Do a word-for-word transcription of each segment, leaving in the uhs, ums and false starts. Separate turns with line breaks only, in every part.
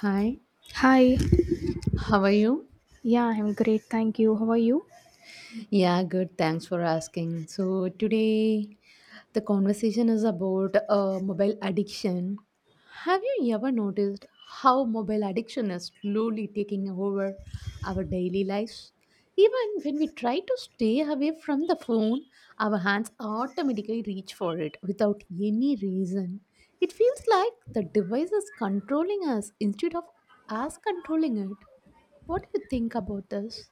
Hi,
Hi.
how are you?
Yeah, I'm great. Thank you. How are you?
Yeah, good. Thanks for asking. So, today the conversation is about uh, mobile addiction. Have you ever noticed how mobile addiction is slowly taking over our daily lives? Even when we try to stay away from the phone, our hands automatically reach for it without any reason. It feels like the device is controlling us instead of us controlling it. What do you think about this?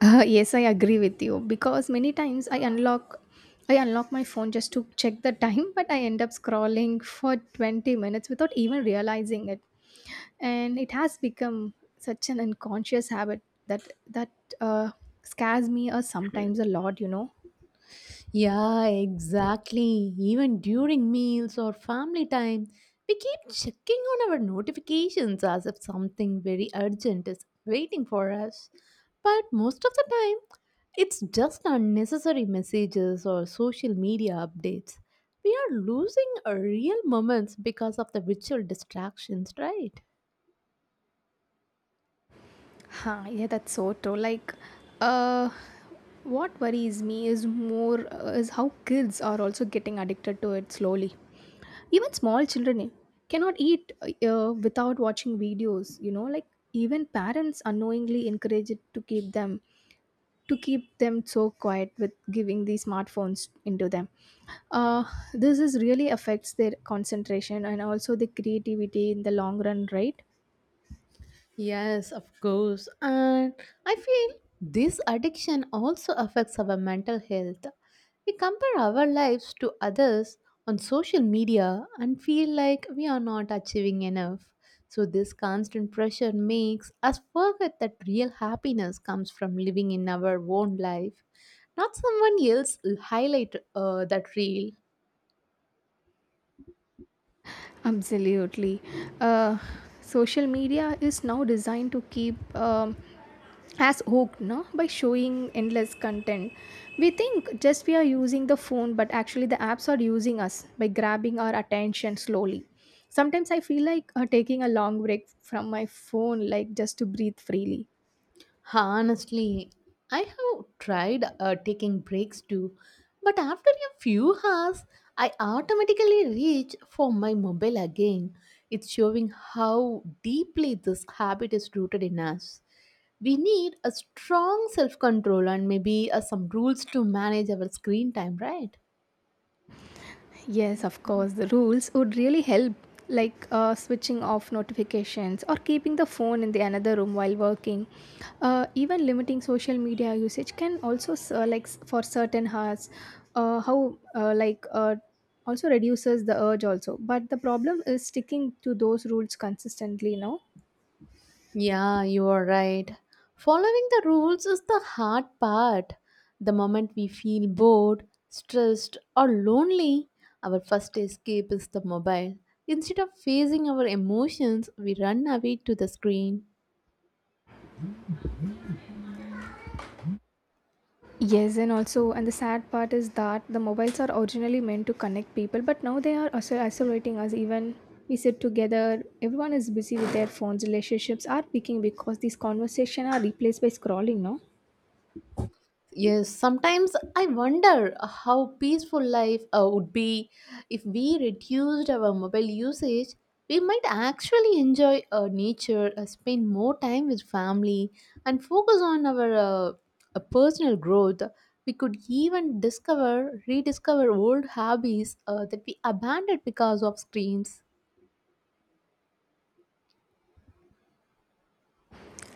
Uh, yes, I agree with you because many times I unlock I unlock my phone just to check the time, but I end up scrolling for twenty minutes without even realizing it. And it has become such an unconscious habit that that uh, scares me or sometimes a lot, you know.
Yeah, exactly. Even during meals or family time, we keep checking on our notifications as if something very urgent is waiting for us. But most of the time, it's just unnecessary messages or social media updates. We are losing our real moments because of the virtual distractions, right?
Huh, yeah, that's so true. Like, uh, what worries me is more uh, is how kids are also getting addicted to it slowly. Even small children cannot eat uh, without watching videos, you know, like even parents unknowingly encourage it to keep them to keep them so quiet with giving these smartphones into them. uh, this is really affects their concentration and also the creativity in the long run, right?
Yes, of course. And I feel this addiction also affects our mental health. We compare our lives to others on social media and feel like we are not achieving enough. So, this constant pressure makes us forget that real happiness comes from living in our own life, not someone else highlight uh, that real.
Absolutely. Uh, Social media is now designed to keep um, us hooked, no? By showing endless content. We think just we are using the phone, but actually, the apps are using us by grabbing our attention slowly. Sometimes I feel like uh, taking a long break from my phone, like just to breathe freely.
Honestly, I have tried uh, taking breaks too, but after a few hours, I automatically reach for my mobile again. It's showing how deeply this habit is rooted in us. We need a strong self control and maybe uh, some rules to manage our screen time, right?
Yes, of course, the rules would really help, like uh, switching off notifications or keeping the phone in the another room while working. Uh, even limiting social media usage can also, s- uh, like, s- for certain hours, uh, how, uh, like, uh, also reduces the urge also. But the problem is sticking to those rules consistently, no?
Yeah, you are right. Following the rules is the hard part. The moment we feel bored, stressed, or lonely, our first escape is the mobile. Instead of facing our emotions, we run away to the screen.
Yes, and also, and the sad part is that the mobiles are originally meant to connect people, but now they are also isolating us. Even we sit together, everyone is busy with their phones. Relationships are peaking because these conversations are replaced by scrolling. No,
Yes, sometimes I wonder how peaceful life uh, would be if we reduced our mobile usage. We might actually enjoy uh, nature, uh, spend more time with family, and focus on our uh, uh, personal growth. We could even discover, rediscover old hobbies uh, that we abandoned because of screens.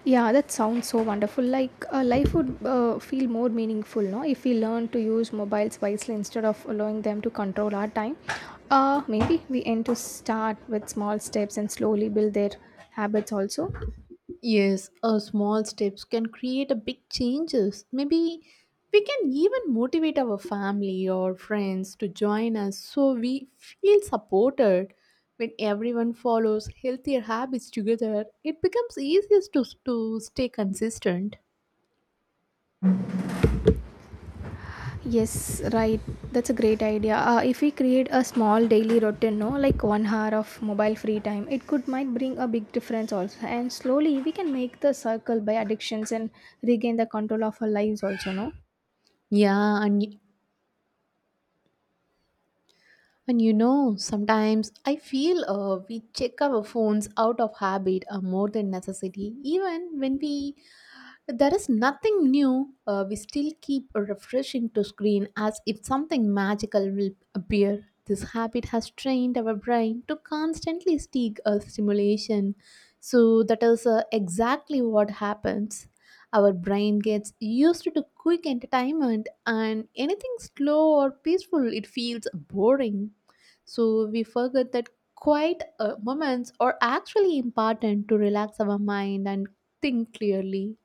yeah, that sounds so wonderful. Like uh, life would uh, feel more meaningful, no, if we learn to use mobiles wisely instead of allowing them to control our time. Uh, maybe we aim to start with small steps and slowly build their habits also.
Yes, a small steps can create a big changes. Maybe we can even motivate our family or friends to join us so we feel supported. When everyone follows healthier habits together, it becomes easier to, to stay consistent.
Yes, right. That's a great idea. Uh, if we create a small daily routine, no, like one hour of mobile free time, it could might bring a big difference also. And slowly we can make the circle by addictions and regain the control of our lives also, no.
Yeah, and y- and you know, sometimes I feel uh, we check our phones out of habit or more than necessity, even when we there is nothing new. Uh, we still keep refreshing to screen as if something magical will appear. This habit has trained our brain to constantly seek a stimulation. So that is uh, exactly what happens. Our brain gets used to quick entertainment, and anything slow or peaceful, it feels boring. So we forget that quiet uh, moments are actually important to relax our mind and think clearly.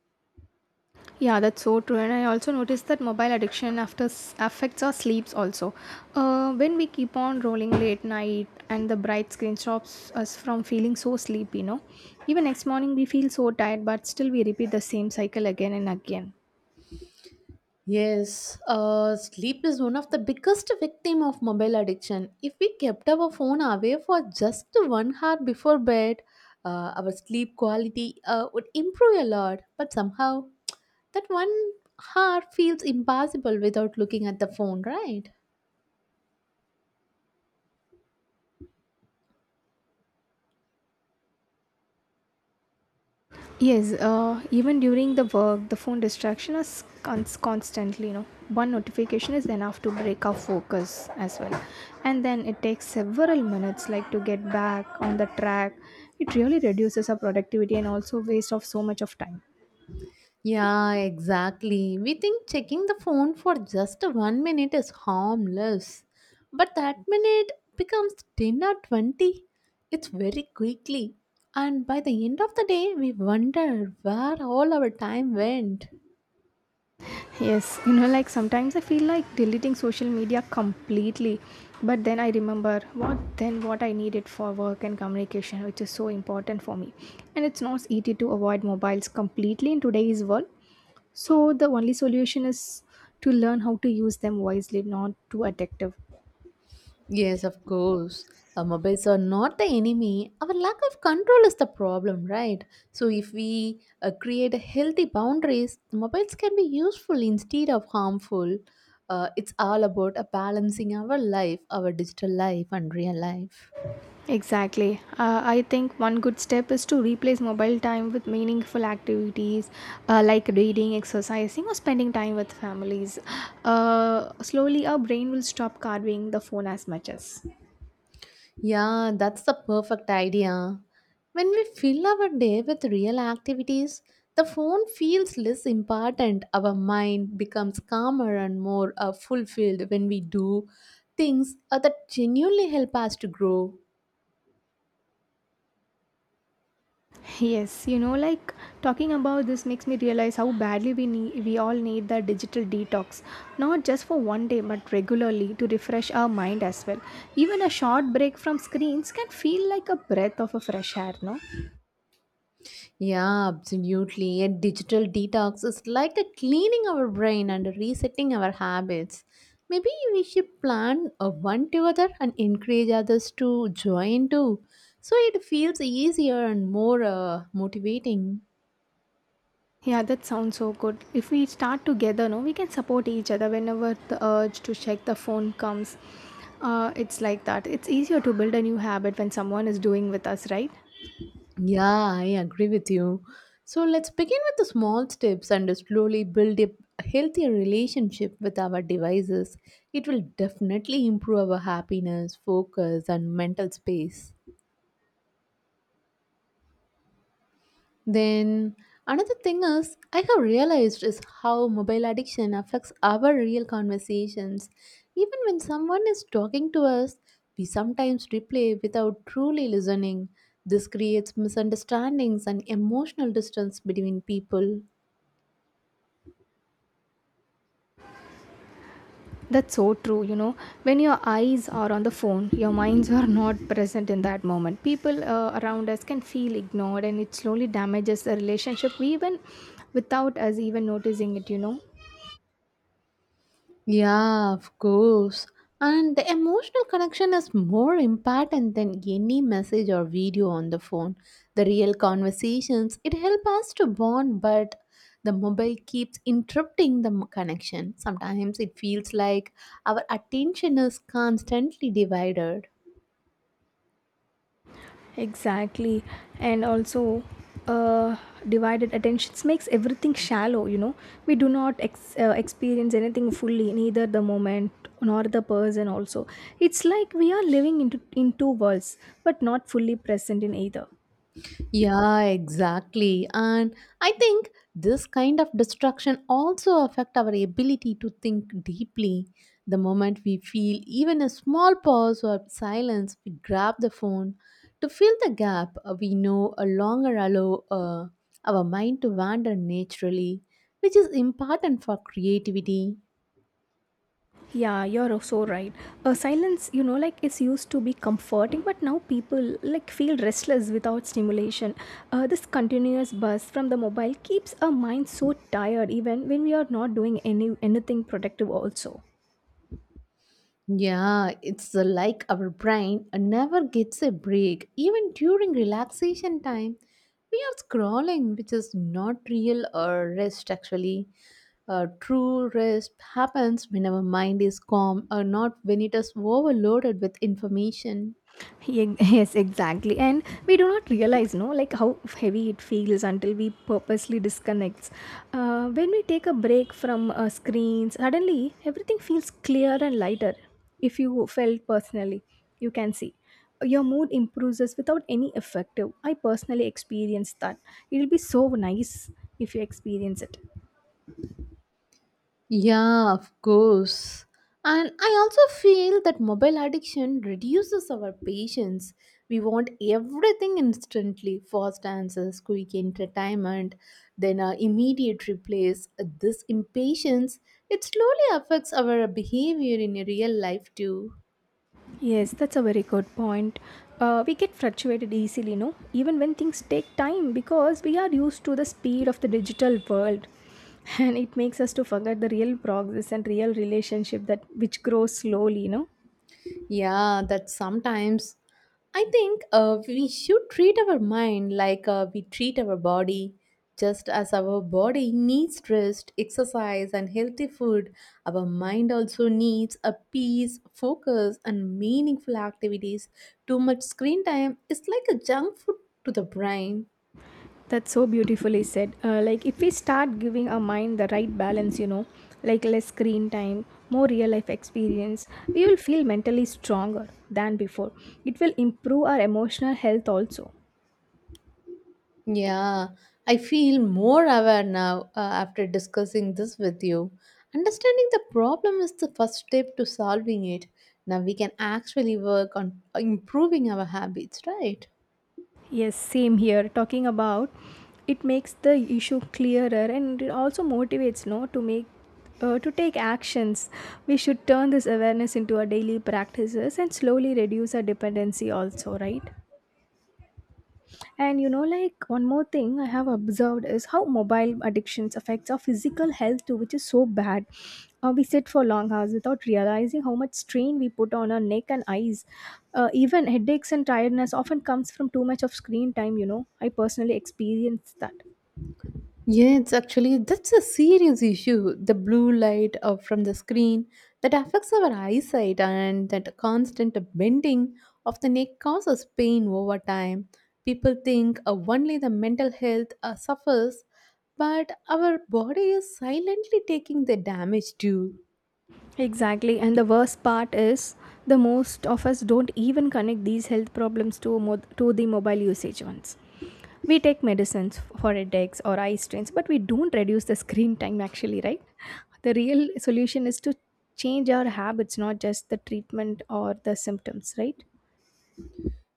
Yeah, that's so true. And I also noticed that mobile addiction after s- affects our sleeps also. Uh, when we keep on rolling late night and the bright screen stops us from feeling so sleepy, no. Even next morning we feel so tired, but still we repeat the same cycle again and again.
Yes, uh, sleep is one of the biggest victim of mobile addiction. If we kept our phone away for just one hour before bed, uh, our sleep quality uh, would improve a lot. But somehow, that one hour feels impossible without looking at the phone, right?
Yes, uh, even during the work, the phone distraction is cons- constantly, you know. One notification is enough to break our focus as well. And then it takes several minutes like to get back on the track. It really reduces our productivity and also waste of so much of time.
Yeah, exactly. We think checking the phone for just one minute is harmless, but that minute becomes ten or twenty. It's very quickly, and by the end of the day, we wonder where all our time went.
Yes, you know, like sometimes I feel like deleting social media completely, but then I remember what then what I need it for work and communication, which is so important for me. And it's not easy to avoid mobiles completely in today's world. So the only solution is to learn how to use them wisely, not too addictive.
Yes, of course. Our mobiles are not the enemy. Our lack of control is the problem, right? So, if we uh, create a healthy boundaries, the mobiles can be useful instead of harmful. Uh, it's all about a balancing our life, our digital life, and real life.
Exactly. Uh, I think one good step is to replace mobile time with meaningful activities, uh, like reading, exercising, or spending time with families. Uh, slowly, our brain will stop carving the phone as much as.
Yeah, that's the perfect idea. When we fill our day with real activities, the phone feels less important. Our mind becomes calmer and more uh, fulfilled when we do things uh, that genuinely help us to grow.
Yes, you know, like talking about this makes me realize how badly we need, we all need the digital detox, not just for one day, but regularly to refresh our mind as well. Even a short break from screens can feel like a breath of a fresh air, no?
Yeah, absolutely. A digital detox is like a cleaning our brain and resetting our habits. Maybe we should plan a one together and encourage others to join too. So it feels easier and more uh, motivating.
Yeah, that sounds so good. If we start together, no, we can support each other whenever the urge to check the phone comes. Uh, it's like that. It's easier to build a new habit when someone is doing with us, right?
Yeah, I agree with you. So let's begin with the small steps and slowly build a healthier relationship with our devices. It will definitely improve our happiness, focus, and mental space. Then another thing is I have realized is how mobile addiction affects our real conversations. Even when someone is talking to us, we sometimes replay without truly listening. This creates misunderstandings and emotional distance between people.
That's so true. You know, when your eyes are on the phone, your minds are not present in that moment. People uh, around us can feel ignored, and it slowly damages the relationship, even without us even noticing it, you know.
Yeah, of course. And the emotional connection is more important than any message or video on the phone. The real conversations, it helps us to bond, but the mobile keeps interrupting the m- connection. Sometimes it feels like our attention is constantly divided.
Exactly. And also, uh, divided attentions makes everything shallow, you know. We do not ex- uh, experience anything fully, neither the moment nor the person, also. It's like we are living into, in two worlds, but not fully present in either.
Yeah, exactly. And I think this kind of distraction also affect our ability to think deeply. The moment we feel even a small pause or silence, we grab the phone to fill the gap. uh, We know a longer allow uh, our mind to wander naturally, which is important for creativity.
Yeah, you're so right. Uh, silence, you know, like it's used to be comforting, but now people like feel restless without stimulation. Uh, this continuous buzz from the mobile keeps our mind so tired, even when we are not doing any anything productive. Also.
Yeah, it's uh, like our brain never gets a break. Even during relaxation time, we are scrolling, which is not real or rest actually. Uh, true rest happens when our mind is calm or not when it is overloaded with information.
Ye- yes, exactly, and we do not realize, no, like how heavy it feels until we purposely disconnects. Uh, when we take a break from uh, screens, suddenly everything feels clear and lighter. If you felt personally, you can see your mood improves without any effective. I personally experienced that. It will be so nice if you experience it.
Yeah, of course. And I also feel that mobile addiction reduces our patience. We want everything instantly fast answers, quick entertainment, then our immediate replace. This impatience, it slowly affects our behavior in real life too.
Yes, that's a very good point. Uh, we get fluctuated easily, no? Even when things take time because we are used to the speed of the digital world. And it makes us to forget the real progress and real relationship that which grows slowly, you know.
Yeah, that sometimes I think uh, we should treat our mind like uh, we treat our body. Just as our body needs rest, exercise, and healthy food, our mind also needs a peace, focus, and meaningful activities. Too much screen time is like a junk food to the brain.
That's so beautifully said. Uh, like if we start giving our mind the right balance, you know, like less screen time, more real life experience, we will feel mentally stronger than before. It will improve our emotional health also.
Yeah, I feel more aware now uh, after discussing this with you. Understanding the problem is the first step to solving it. Now we can actually work on uh, improving our habits, right?
Yes, same here. Talking about it makes the issue clearer and it also motivates no to make, uh, to take actions. We should turn this awareness into our daily practices and slowly reduce our dependency also, right? And you know, like one more thing I have observed is how mobile addictions affects our physical health too, which is so bad. Uh, we sit for long hours without realizing how much strain we put on our neck and eyes. Uh, even headaches and tiredness often comes from too much of screen time. You know, I personally experienced that.
Yeah, it's actually that's a serious issue. The blue light uh, from the screen that affects our eyesight and that constant bending of the neck causes pain over time. People think uh, only the mental health uh, suffers, but our body is silently taking the damage too.
Exactly, and the worst part is the most of us don't even connect these health problems to mo- to the mobile usage ones. We take medicines for headaches or eye strains, but we don't reduce the screen time actually, right? The real solution is to change our habits, not just the treatment or the symptoms, right?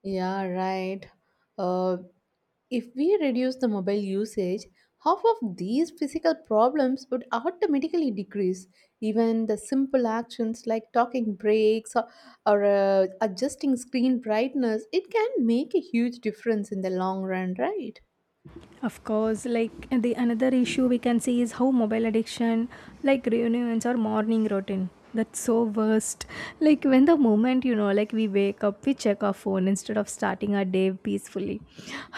Yeah, right. Uh, if we reduce the mobile usage, half of these physical problems would automatically decrease. Even the simple actions like talking breaks or, or uh, adjusting screen brightness, it can make a huge difference in the long run, right?
Of course, like the another issue we can see is how mobile addiction like reunions or morning routine, that's so worst. Like when the moment, you know, like we wake up we check our phone instead of starting our day peacefully.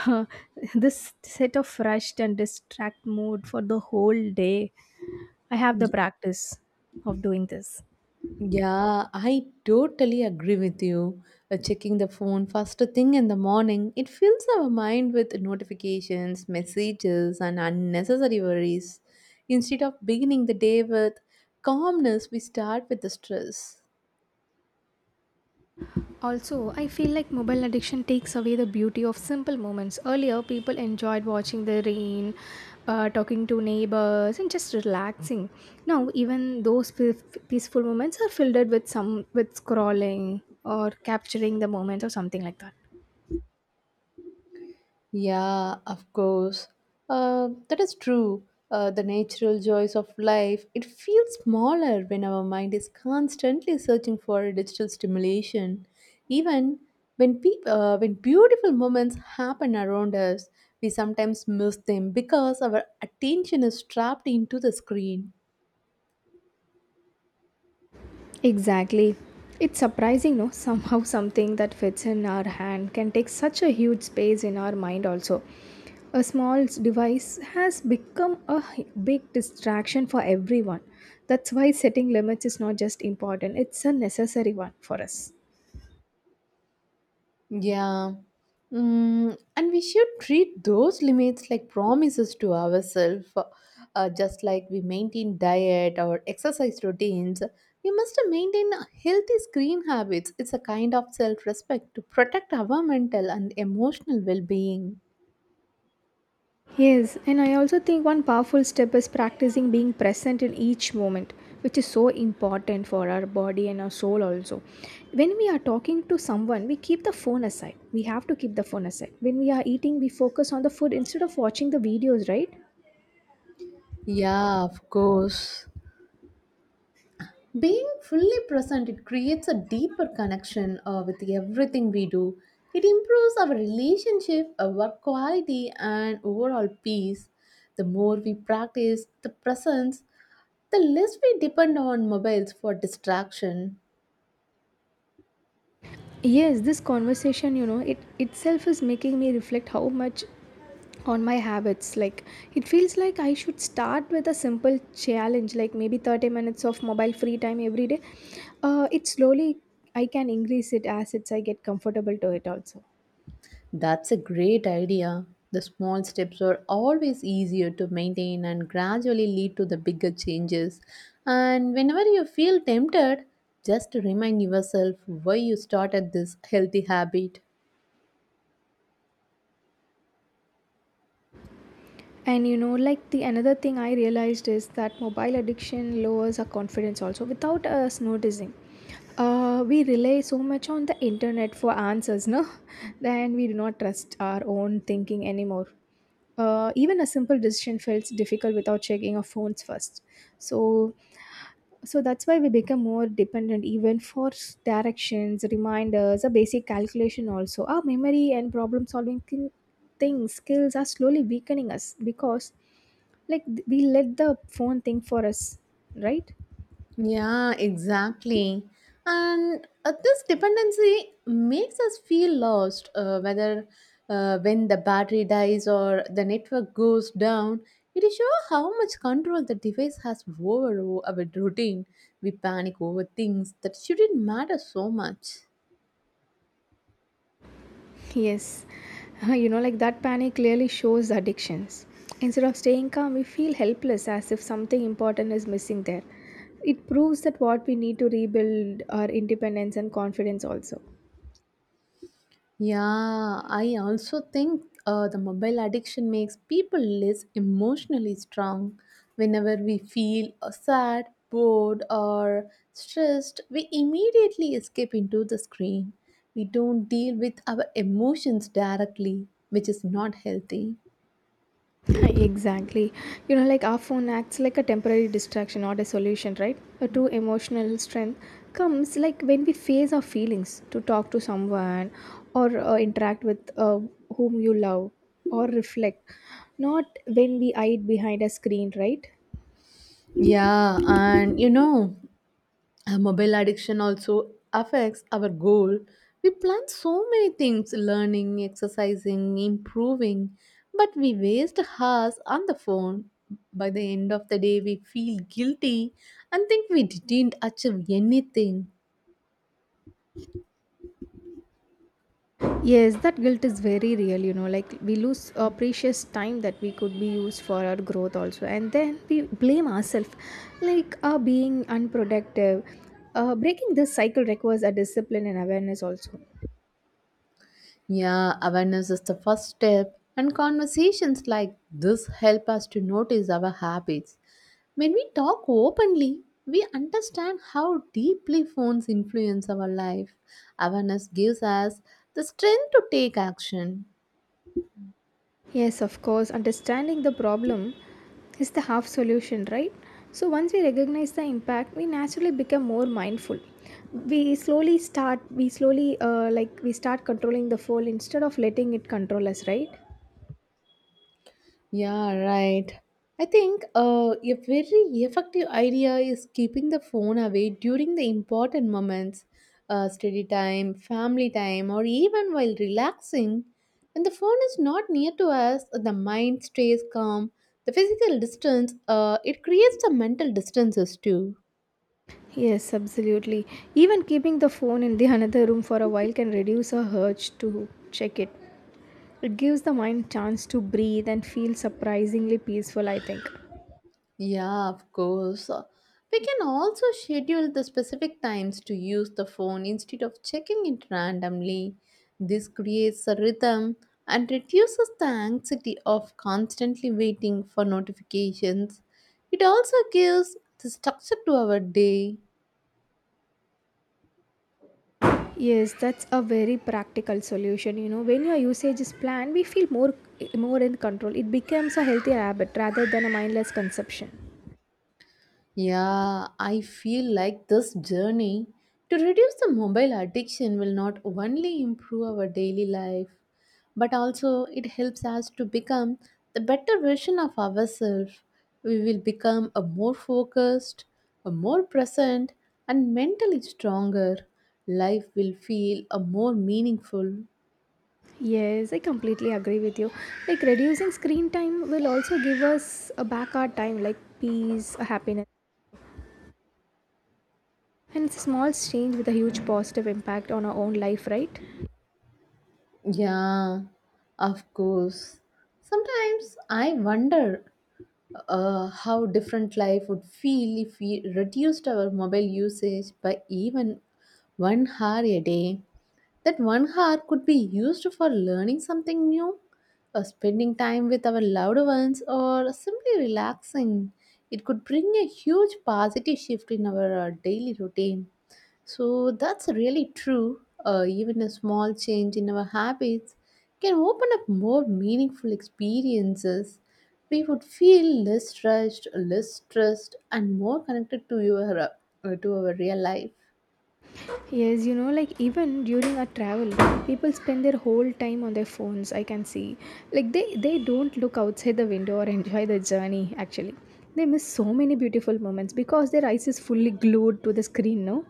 This set of rushed and distract mood for the whole day. I have the practice of doing this.
Yeah, I totally agree with you. Uh, Checking the phone first thing in the morning, it fills our mind with notifications, messages, and unnecessary worries. Instead of beginning the day with calmness, we start with the stress.
Also, I feel like mobile addiction takes away the beauty of simple moments. Earlier, people enjoyed watching the rain, uh, talking to neighbors, and just relaxing. Now, even those pe- peaceful moments are filled with some with scrolling or capturing the moment or something like that.
Yeah, of course. Uh, that is true. Uh, the natural joys of life, it feels smaller when our mind is constantly searching for digital stimulation. Even when, peop uh, when beautiful moments happen around us, we sometimes miss them because our attention is trapped into the screen.
Exactly. It's surprising, no? Somehow something that fits in our hand can take such a huge space in our mind, also. A small device has become a h- big distraction for everyone. That's why setting limits is not just important, it's a necessary one for us.
Yeah. Mm, and we should treat those limits like promises to ourselves. Uh, just like we maintain diet or exercise routines, we must maintain healthy screen habits. It's a kind of self respect to protect our mental and emotional well being.
Yes, and I also think one powerful step is practicing being present in each moment, which is so important for our body and our soul also. When we are talking to someone, we keep the phone aside. We have to keep the phone aside. When we are eating, we focus on the food instead of watching the videos, right?
Yeah, of course. Being fully present, it creates a deeper connection uh, with everything we do. It improves our relationship, our work quality, and overall peace. The more we practice the presence, the less we depend on mobiles for distraction.
Yes, this conversation, you know, it itself is making me reflect how much on my habits. Like it feels like I should start with a simple challenge, like maybe thirty minutes of mobile free time every day. Uh, it slowly I can increase it as it's I get comfortable to it also.
That's a great idea. The small steps are always easier to maintain and gradually lead to the bigger changes. And whenever you feel tempted, just remind yourself why you started this healthy habit.
And you know, like the another thing I realized is that mobile addiction lowers our confidence also without us noticing. Uh, we rely so much on the internet for answers, no? Then we do not trust our own thinking anymore. Uh, even a simple decision feels difficult without checking our phones first. So, so that's why we become more dependent even for s- directions, reminders, a basic calculation also. Our memory and problem solving thin- things, skills are slowly weakening us because like th- we let the phone think for us, right?
Yeah, exactly. And uh, this dependency makes us feel lost, uh, whether uh, when the battery dies or the network goes down. It is sure how much control the device has over our routine. We panic over things that shouldn't matter so much.
Yes, you know, like that panic clearly shows addictions. Instead of staying calm, we feel helpless as if something important is missing there. It proves that what we need to rebuild our independence and confidence also.
Yeah, I also think uh, the mobile addiction makes people less emotionally strong. Whenever we feel uh, sad, bored, or stressed, we immediately escape into the screen. We don't deal with our emotions directly, which is not healthy.
Exactly, you know, like our phone acts like a temporary distraction, not a solution, right? A true emotional strength comes like when we face our feelings to talk to someone or uh, interact with uh, whom you love or reflect, not when we hide behind a screen, right?
Yeah, and you know, Uh, mobile addiction also affects our goal. We plan so many things learning, exercising, improving, but we waste hours on the phone. By the end of the day, we feel guilty and think we didn't achieve anything.
Yes, that guilt is very real, you know, like we lose uh, precious time that we could be used for our growth also. And then we blame ourselves, like uh, being unproductive. Uh, breaking this cycle requires a discipline and awareness also.
Yeah, awareness is the first step, and conversations like this help us to notice our habits. When we talk openly, we understand how deeply phones influence our life. Awareness gives us the strength to take action.
Yes, of course, understanding the problem is the half solution, right? So once we recognize the impact, we naturally become more mindful. We slowly start, we slowly, uh, like, we start controlling the fall instead of letting it control us, right?
Yeah, right. I think uh, a very effective idea is keeping the phone away during the important moments, uh, study time, family time, or even while relaxing. When the phone is not near to us, the mind stays calm. The physical distance, uh, it creates the mental distances too.
Yes, absolutely. Even keeping the phone in the another room for a while can reduce a urge to check it. It gives the mind chance to breathe and feel surprisingly peaceful, I think.
Yeah, of course. Uh, We can also schedule the specific times to use the phone instead of checking it randomly. This creates a rhythm and reduces the anxiety of constantly waiting for notifications. It also gives the structure to our day.
Yes, that's a very practical solution, you know. When your usage is planned, we feel more more in control. It becomes a healthier habit rather than a mindless consumption.
Yeah, I feel like this journey to reduce the mobile addiction will not only improve our daily life, but also it helps us to become the better version of ourselves. We will become a more focused, a more present, and mentally stronger. Life will feel a more meaningful.
Yes, I completely agree with you. Like reducing screen time will also give us a back our time like peace, happiness. And it's a small change with a huge positive impact on our own life, right?
Yeah, of course. Sometimes I wonder uh, how different life would feel if we reduced our mobile usage by even one hour a day. That one hour could be used for learning something new, or spending time with our loved ones, or simply relaxing. It could bring a huge positive shift in our uh, daily routine. So that's really true. Uh, even a small change in our habits can open up more meaningful experiences. We would feel less rushed, less stressed, and more connected to your uh, to our real life.
Yes, you know, like even during our travel, people spend their whole time on their phones, I can see. Like they, they don't look outside the window or enjoy the journey, actually. They miss so many beautiful moments because their eyes is fully glued to the screen, no?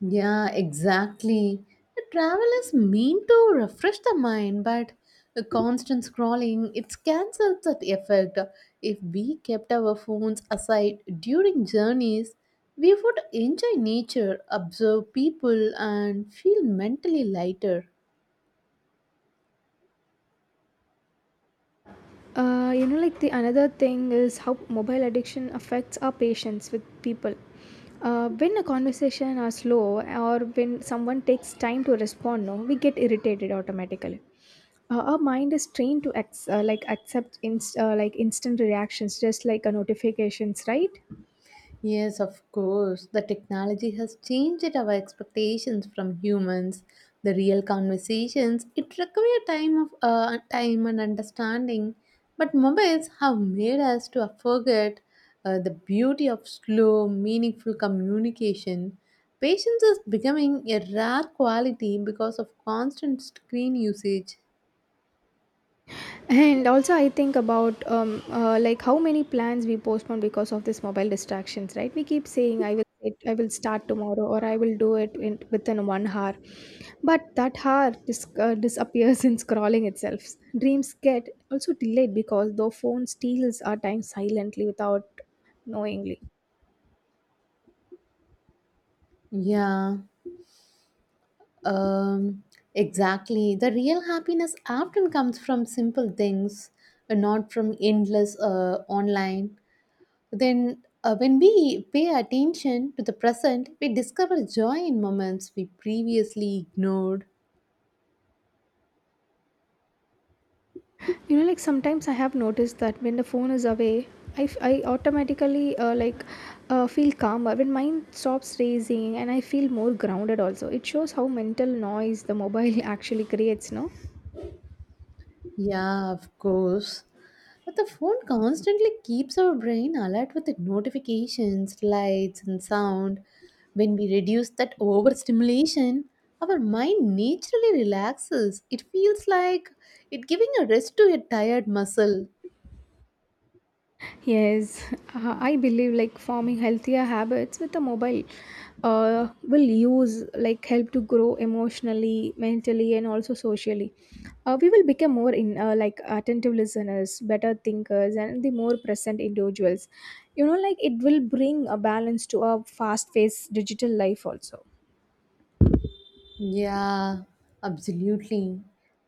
Yeah, exactly. The travel is meant to refresh the mind, but the constant scrolling it cancels that effect. If we kept our phones aside during journeys, we would enjoy nature, observe people, and feel mentally lighter.
uh, You know, like the another thing is how mobile addiction affects our patience with people. Uh, when a conversation are slow or when someone takes time to respond, no, we get irritated automatically. Uh, our mind is trained to ex- uh, like accept inst- uh, like instant reactions, just like a notifications, right?
Yes, of course. The technology has changed our expectations from humans. The real conversations it require time of uh, time and understanding, but mobiles have made us to forget uh, the beauty of slow, meaningful communication. Patience is becoming a rare quality because of constant screen usage.
And also, I think about um, uh, like how many plans we postpone because of this mobile distractions, right? We keep saying i will it, I will start tomorrow, or I will do it in, within one hour, but that hour dis- uh, disappears in scrolling itself. Dreams get also delayed because the phone steals our time silently without knowingly.
Yeah. Um, exactly. The real happiness often comes from simple things, uh, not from endless uh, online. Then, uh, when we pay attention to the present, we discover joy in moments we previously ignored.
You know, like sometimes I have noticed that when the phone is away, i, f- I automatically uh, like uh, feel calmer when mind stops racing, and I feel more grounded. Also, it shows how mental noise the mobile actually creates, no?
Yeah, of course. But the phone constantly keeps our brain alert with the notifications, lights, and sound. When we reduce that overstimulation, our mind naturally relaxes. It feels like it giving a rest to a tired muscle.
Yes, uh, I believe like forming healthier habits with a mobile uh, will use like help to grow emotionally, mentally, and also socially. Uh, we will become more in uh, like attentive listeners, better thinkers, and the more present individuals. You know, like it will bring a balance to our fast-paced digital life also.
Yeah, absolutely.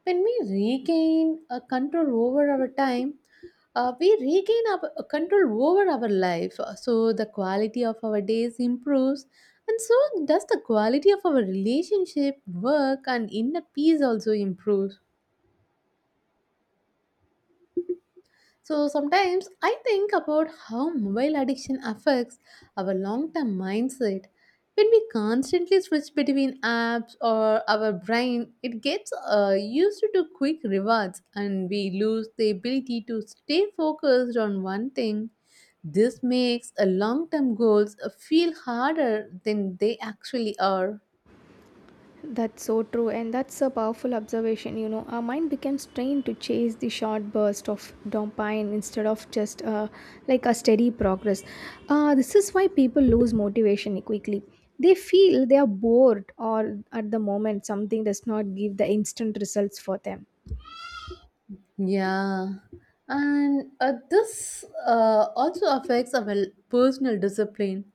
When we regain a control over our time, uh, we regain our uh, control over our life. Uh, So the quality of our days improves, and so does the quality of our relationship, work, and inner peace also improves. So sometimes I think about how mobile addiction affects our long term mindset. When we constantly switch between apps or our brain, it gets uh, used to quick rewards and we lose the ability to stay focused on one thing. This makes a long term goals uh, feel harder than they actually are.
That's so true, and that's a powerful observation. You know, our mind becomes trained to chase the short burst of dopamine instead of just uh, like a steady progress. Uh, this is why people lose motivation quickly. They feel they are bored, or at the moment, something does not give the instant results for them.
Yeah. And uh, this uh, also affects our personal discipline.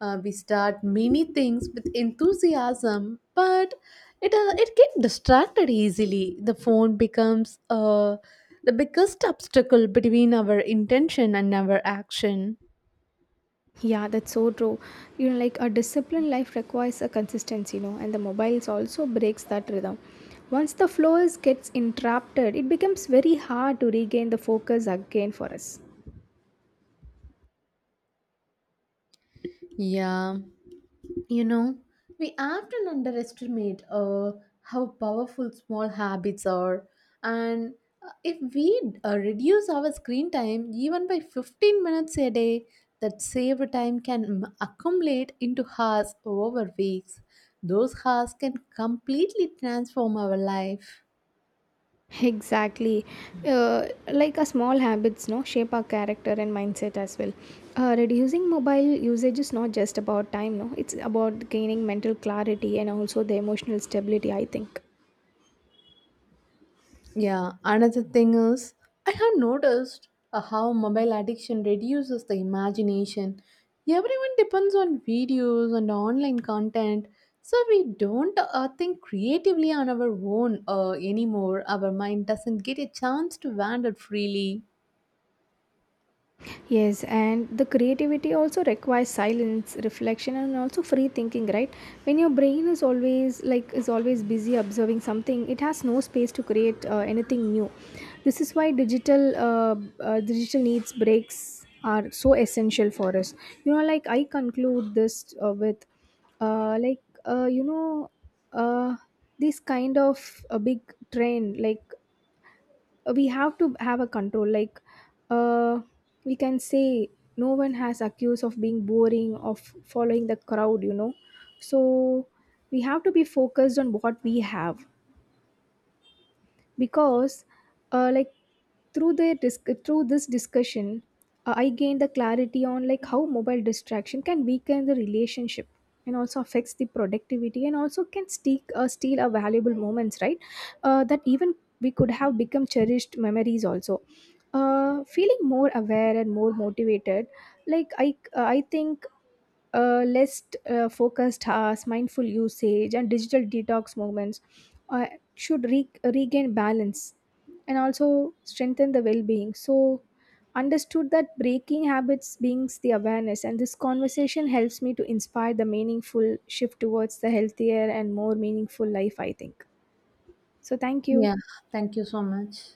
Uh, we start many things with enthusiasm, but it uh, it get distracted easily. The phone becomes uh, the biggest obstacle between our intention and our action.
Yeah, that's so true. You know, like a disciplined life requires a consistency, you know, and the mobiles also breaks that rhythm. Once the flow is gets interrupted, it becomes very hard to regain the focus again for us.
Yeah. You know, we often underestimate uh, how powerful small habits are, and uh, if we uh, reduce our screen time even by fifteen minutes a day, that saved time can m- accumulate into hours over weeks. Those hours can completely transform our life.
Exactly. Uh, like a small habits, no, shape our character and mindset as well. Uh, reducing mobile usage is not just about time, no, it's about gaining mental clarity and also the emotional stability, I think.
Yeah, another thing is, I have noticed uh, how mobile addiction reduces the imagination. Everyone depends on videos and online content, so we don't uh, think creatively on our own uh, anymore. Our mind doesn't get a chance to wander freely.
Yes, and the creativity also requires silence, reflection, and also free thinking, right? When your brain is always like is always busy observing something, it has no space to create uh, anything new. This is why digital uh, uh, digital needs breaks are so essential for us. You know, like I conclude this uh, with, uh, like uh, you know, uh, this kind of a big trend, like we have to have a control, like, uh, we can say no one has accused of being boring of following the crowd, you know. So we have to be focused on what we have because, uh, like through the disc- through this discussion, uh, I gained the clarity on like how mobile distraction can weaken the relationship and also affects the productivity and also can steal, uh, steal our valuable moments, right? Uh, that even we could have become cherished memories also. Uh, feeling more aware and more motivated, like i uh, I think uh, less uh, focused hours, mindful usage, and digital detox movements uh, should re- regain balance and also strengthen the well being. So, understood that breaking habits brings the awareness, and this conversation helps me to inspire the meaningful shift towards the healthier and more meaningful life, I think. So, thank you.
Yeah, thank you so much.